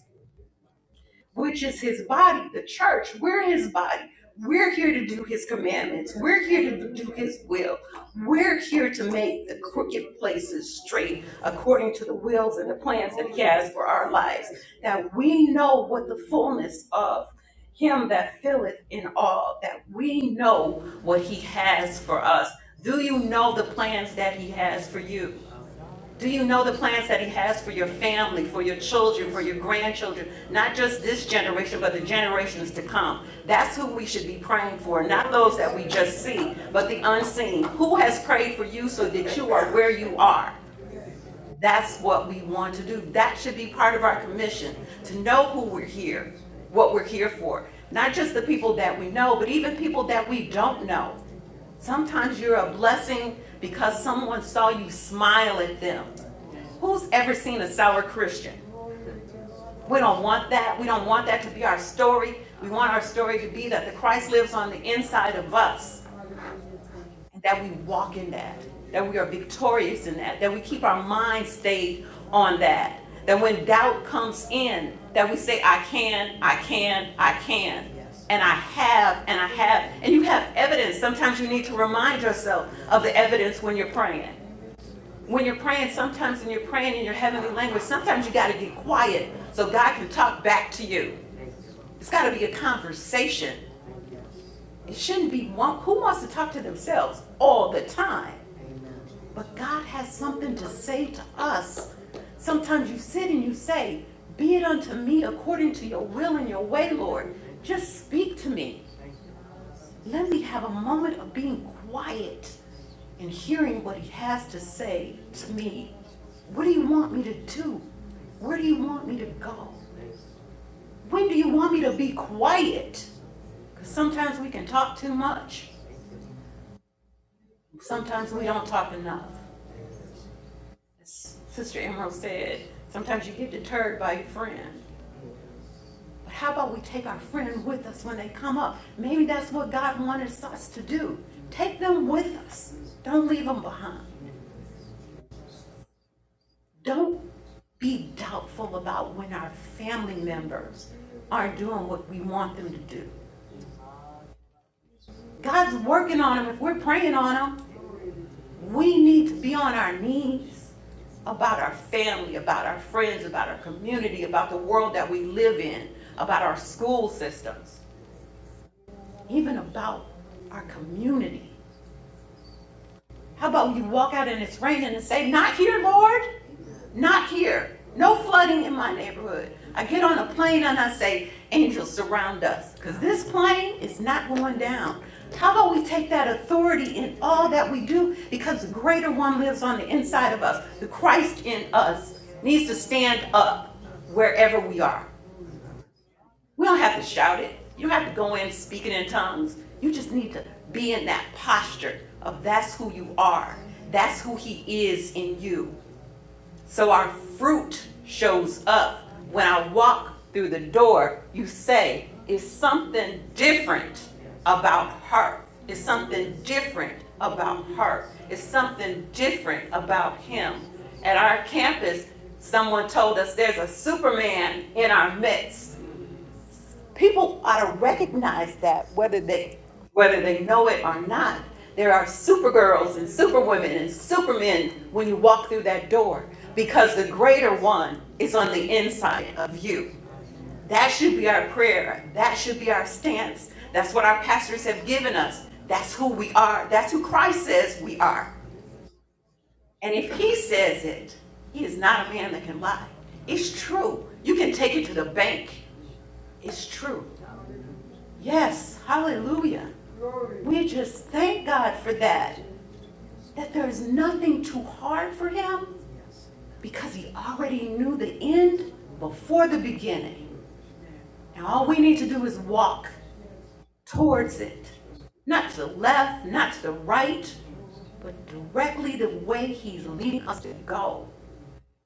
S1: which is his body, the church. We're his body. We're here to do his commandments. We're here to do his will. We're here to make the crooked places straight according to the wills and the plans that he has for our lives. Now we know what the fullness of him that filleth in all, that we know what he has for us. Do you know the plans that he has for you? Do you know the plans that he has for your family, for your children, for your grandchildren? Not just this generation, but the generations to come. That's who we should be praying for, not those that we just see, but the unseen. Who has prayed for you so that you are where you are? That's what we want to do. That should be part of our commission, to know who we're here, what we're here for. Not just the people that we know, but even people that we don't know. Sometimes you're a blessing because someone saw you smile at them. Who's ever seen a sour Christian? We don't want that. We don't want that to be our story. We want our story to be that the Christ lives on the inside of us that we walk in that, that we are victorious in that, that we keep our mind stayed on that, that when doubt comes in, that we say, I can, I can, I can. Yes. And I have, and I have, and you have evidence. Sometimes you need to remind yourself of the evidence when you're praying. When you're praying, sometimes when you're praying in your heavenly language, sometimes you got to get quiet so God can talk back to you. It's got to be a conversation. It shouldn't be one. Who wants to talk to themselves all the time? But God has something to say to us. Sometimes you sit and you say, Be it unto me according to your will and your way, Lord. Just speak to me. Let me have a moment of being quiet and hearing what He has to say to me. What do you want me to do? Where do you want me to go? When do you want me to be quiet? Because sometimes we can talk too much, sometimes we don't talk enough. As Sister Emerald said, sometimes you get deterred by your friend. But how about we take our friend with us when they come up? Maybe that's what God wanted us to do. Take them with us. Don't leave them behind. Don't be doubtful about when our family members are doing what we want them to do. God's working on them. If we're praying on them, We need to be on our knees about our family, about our friends, about our community, about the world that we live in, about our school systems, even about our community. How about you walk out and it's raining and say, Not here, Lord? Not here. No flooding in my neighborhood. I get on a plane and I say, Angels surround us. Because this plane is not going down. How about we take that authority in all that we do? Because the greater one lives on the inside of us. The Christ in us needs to stand up wherever we are. We don't have to shout it. You don't have to go in speaking in tongues. You just need to be in that posture of that's who you are. That's who he is in you. So our fruit shows up. When I walk through the door, you say, is something different about her. It's something different about her. It's something different about him. At our campus, someone told us there's a Superman in our midst people ought to recognize that whether they whether they know it or not there are supergirls and superwomen and supermen when you walk through that door because the greater one is on the inside of you that should be our prayer that should be our stance that's what our pastors have given us that's who we are that's who christ says we are and if he says it he is not a man that can lie it's true you can take it to the bank it's true Yes, hallelujah. Glory. We just thank God for that. That there is nothing too hard for him because he already knew the end before the beginning. And all we need to do is walk towards it. Not to the left, not to the right, but directly the way he's leading us to go.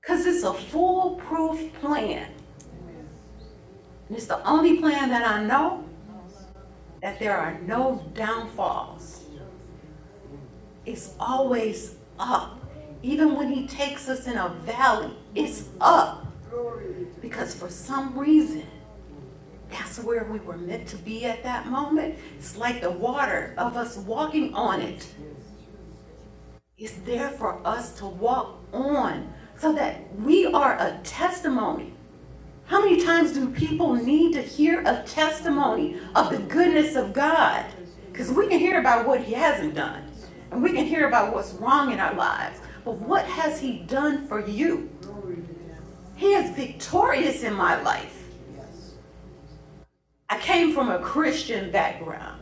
S1: Because it's a foolproof plan. And it's the only plan that I know that there are no downfalls. is always up. Even when He takes us in a valley, it's up. Because for some reason, that's where we were meant to be at that moment. It's like the water of us walking on it is there for us to walk on so that we are a testimony. How many times do people need to hear a testimony of the goodness of God? Because we can hear about what He hasn't done, and we can hear about what's wrong in our lives. But what has He done for you? He is victorious in my life. I came from a Christian background.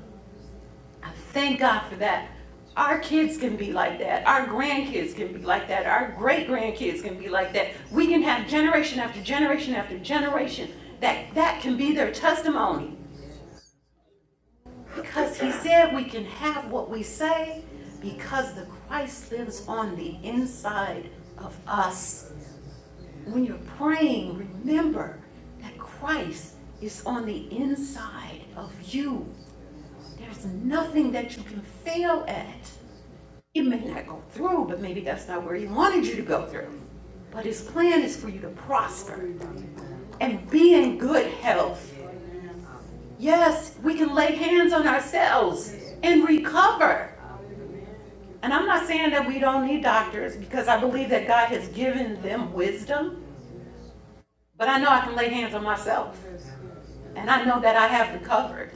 S1: I thank God for that. Our kids can be like that. Our grandkids can be like that. Our great grandkids can be like that. We can have generation after generation after generation that that can be their testimony. Because he said we can have what we say because the Christ lives on the inside of us. When you're praying, remember that Christ is on the inside of you. There's nothing that you can fail at. It may not go through, but maybe that's not where he wanted you to go through. But his plan is for you to prosper and be in good health. Yes, we can lay hands on ourselves and recover. And I'm not saying that we don't need doctors because I believe that God has given them wisdom, but I know I can lay hands on myself and I know that I have recovered.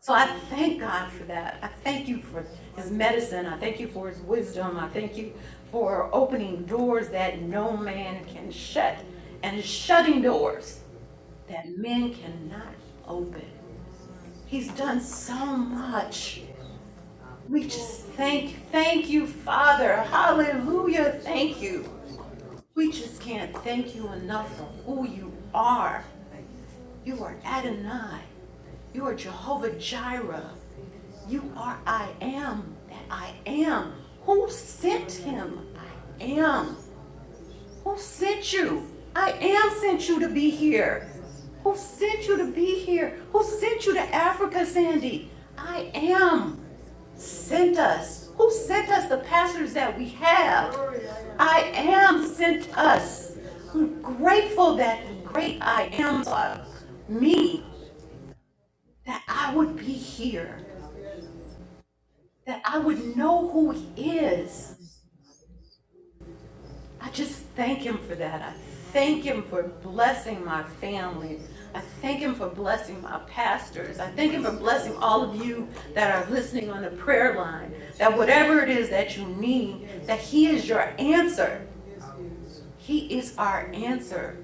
S1: So I thank God for that. I thank you for his medicine. I thank you for his wisdom. I thank you for opening doors that no man can shut and shutting doors that men cannot open. He's done so much. We just thank thank you, Father. Hallelujah. Thank you. We just can't thank you enough for who you are. You are Adonai. You are Jehovah Jireh. You are I am that I am. Who sent him? I am. Who sent you? I am sent you to be here. Who sent you to be here? Who sent you to Africa, Sandy? I am. Sent us. Who sent us the pastors that we have? I am sent us. I'm grateful that the great I am of me, that I would be here, that I would know who he is. I just thank Him for that. I thank Him for blessing my family. I thank Him for blessing my pastors. I thank Him for blessing all of you that are listening on the prayer line. That whatever it is that you need, that He is your answer. He is our answer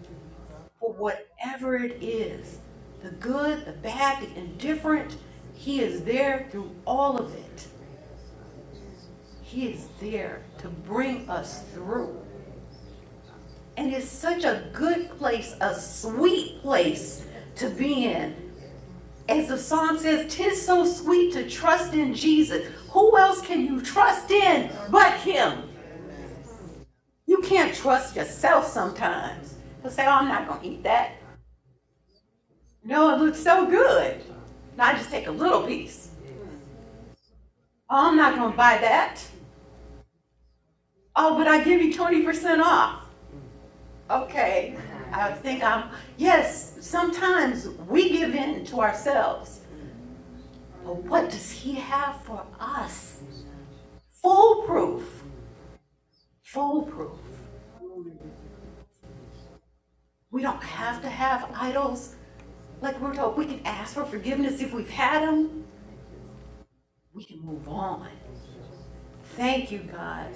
S1: for whatever it is the good, the bad, the indifferent. He is there through all of it. He is there to bring us through. And it's such a good place, a sweet place to be in. As the song says, "Tis so sweet to trust in Jesus." Who else can you trust in but Him? You can't trust yourself sometimes. You'll say, "Oh, I'm not gonna eat that." No, it looks so good. Now I just take a little piece. Oh, I'm not gonna buy that. Oh, but I give you twenty percent off. Okay. I think I'm. Yes. Sometimes we give in to ourselves But what does he have for us? Foolproof. Foolproof. We don't have to have idols. Like we're told, we can ask for forgiveness if we've had them. We can move on. Thank you, God.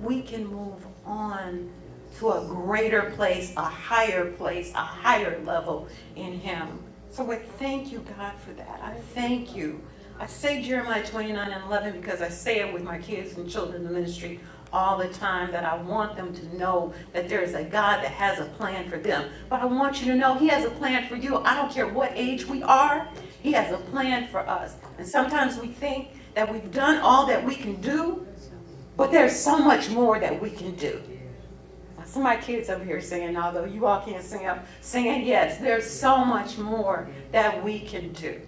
S1: We can move on to a greater place, a higher place, a higher level in Him. So I thank you, God, for that. I thank you. I say Jeremiah 29 and 11 because I say it with my kids and children in the ministry all the time that I want them to know that there is a God that has a plan for them. But I want you to know He has a plan for you. I don't care what age we are, He has a plan for us. And sometimes we think that we've done all that we can do, but there's so much more that we can do. Some of my kids over here singing, although you all can't sing, i singing, yes, there's so much more that we can do.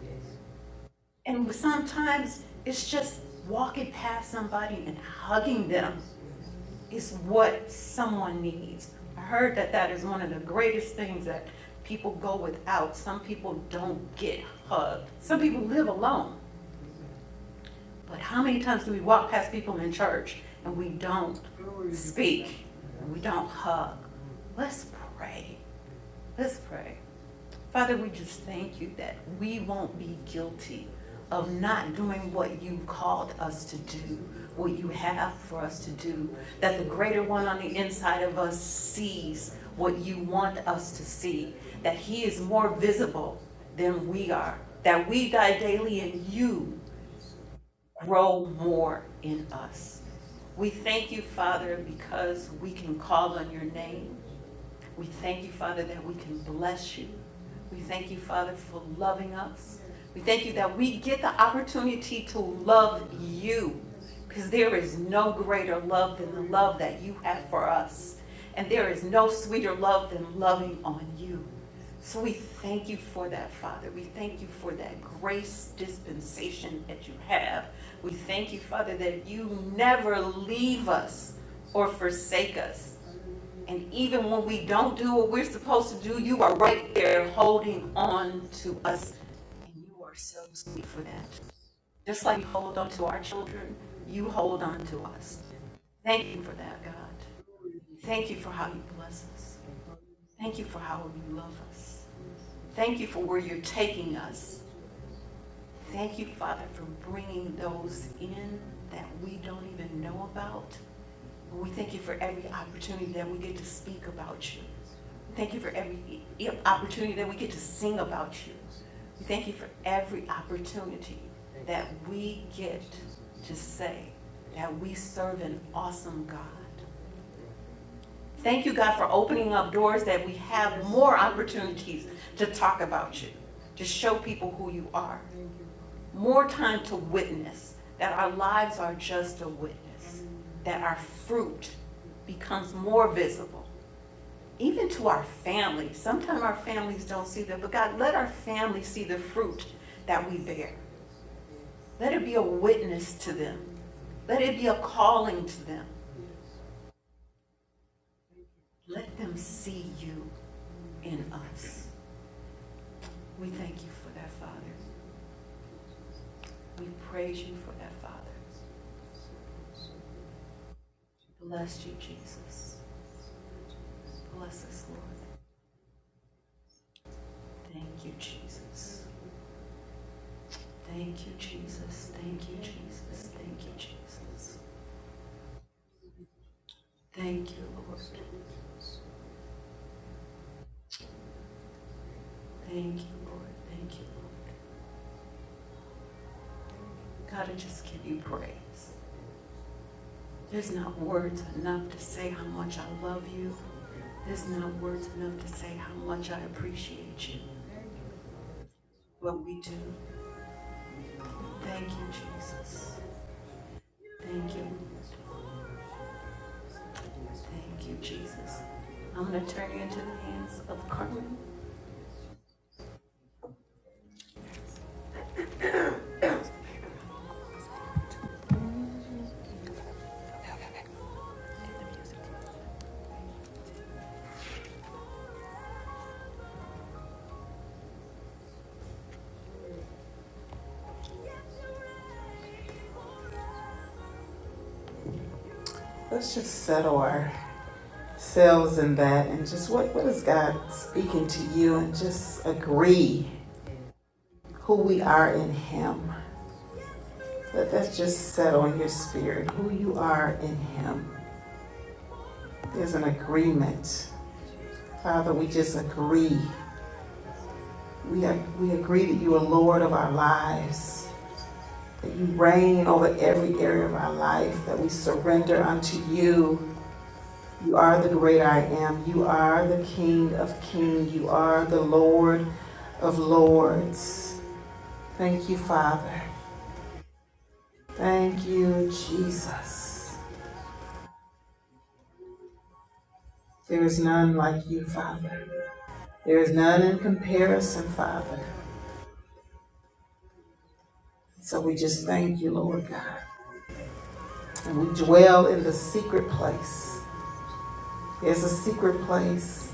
S1: And sometimes it's just walking past somebody and hugging them is what someone needs. I heard that that is one of the greatest things that people go without. Some people don't get hugged. Some people live alone. But how many times do we walk past people in church and we don't speak? And we don't hug? Let's pray. Let's pray. Father, we just thank you that we won't be guilty of not doing what you called us to do, what you have for us to do, that the greater one on the inside of us sees what you want us to see, that he is more visible than we are, that we die daily and you grow more in us. We thank you, Father, because we can call on your name. We thank you, Father, that we can bless you. We thank you, Father, for loving us. We thank you that we get the opportunity to love you because there is no greater love than the love that you have for us. And there is no sweeter love than loving on you. So we thank you for that, Father. We thank you for that grace dispensation that you have. We thank you, Father, that you never leave us or forsake us. And even when we don't do what we're supposed to do, you are right there holding on to us. And you are so sweet for that. Just like you hold on to our children, you hold on to us. Thank you for that, God. Thank you for how you bless us. Thank you for how you love us. Thank you for where you're taking us. Thank you, Father, for bringing those in that we don't even know about. We thank you for every opportunity that we get to speak about you. Thank you for every opportunity that we get to sing about you. We thank you for every opportunity that we get to say that we serve an awesome God. Thank you, God, for opening up doors that we have more opportunities to talk about you, to show people who you are. More time to witness, that our lives are just a witness, that our fruit becomes more visible, even to our families. Sometimes our families don't see that, but God, let our families see the fruit that we bear. Let it be a witness to them. Let it be a calling to them. Let them see you in us. We thank you for that, Father. We praise you for that, Father. Bless you, Jesus. Bless us, Lord. Thank you, Jesus. Thank you, Jesus. Thank you, Jesus. Thank you, Jesus. Thank you, Lord. Thank you, Lord. Thank you, Lord. God, I just give you praise. There's not words enough to say how much I love you. There's not words enough to say how much I appreciate you. What we do. Thank you, Jesus. Thank you. Thank you, Jesus. I'm going to turn you into the hands of Carmen. What is who we are in Him? Let that just settle on your spirit. Who you are in Him is an agreement. Father, we just agree. We, ag- we agree that you are Lord of our lives, that you reign over every area of our life, that we surrender. You are the great I am. You are the King of kings. You are the Lord of lords. Thank you, Father. Thank you, Jesus. There is none like you, Father. There is none in comparison, Father. So we just thank you, Lord God. And we dwell in the secret place. There's a secret place.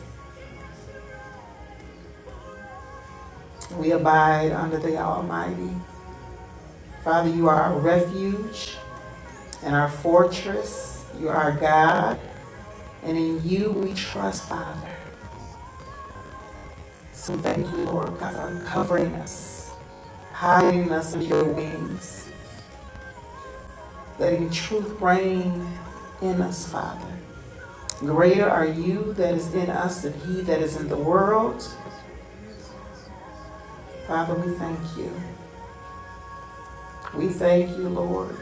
S1: We abide under the Almighty. Father, you are our refuge and our fortress. You are our God. And in you we trust, Father. So thank you, Lord God, for covering us, hiding us in your wings. Let your truth reign in us, Father. Greater are you that is in us than he that is in the world. Father, we thank you. We thank you, Lord.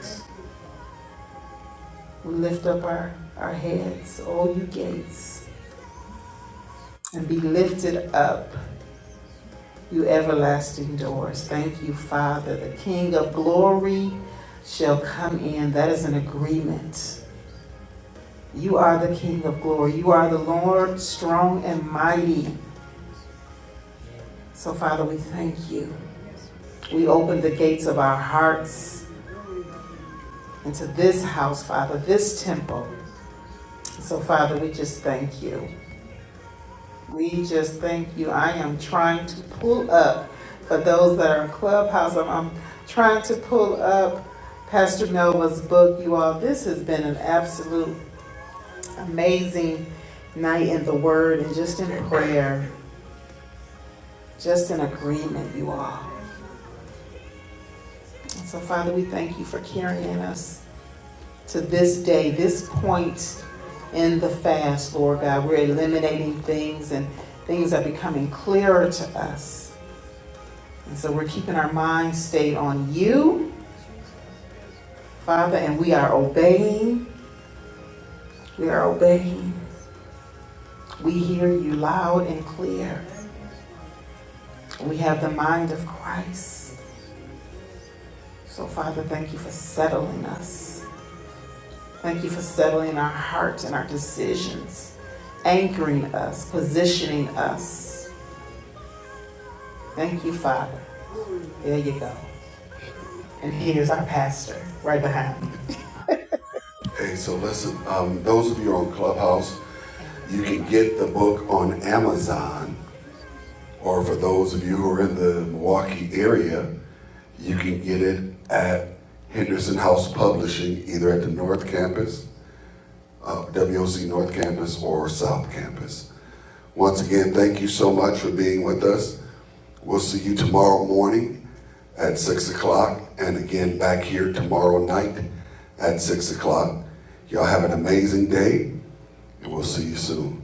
S1: We lift up our, our heads, O you gates, and be lifted up, you everlasting doors. Thank you, Father. The King of glory shall come in. That is an agreement. You are the King of glory. You are the Lord, strong and mighty. So, Father, we thank you. We open the gates of our hearts into this house, Father, this temple. So, Father, we just thank you. We just thank you. I am trying to pull up for those that are in Clubhouse. I'm, I'm trying to pull up Pastor Melva's book. You all, this has been an absolute amazing night in the Word and just in prayer, just in agreement, you all. So, Father, we thank you for carrying us. to this day, this point in the fast, Lord God. We're eliminating things and things are becoming clearer to us. And so we're keeping our minds stayed on you, Father, and we are obeying. We are obeying. We hear you loud and clear. We have the mind of Christ. So, Father, thank you for settling us. Thank you for settling our hearts and our decisions, anchoring us, positioning us Thank you, Father. There you go. And here's our pastor right behind me. Hey, so listen, um, those of you on Clubhouse, you can get the book on Amazon, or for those of you who are in the Milwaukee area, you can get it at Henderson House Publishing, either at the North Campus, uh, WOC North Campus, or South Campus. Once again, thank you so much for being with us. We'll see you tomorrow morning at 6 o'clock and again back here tomorrow night at 6 o'clock. Y'all have an amazing day and we'll see you soon.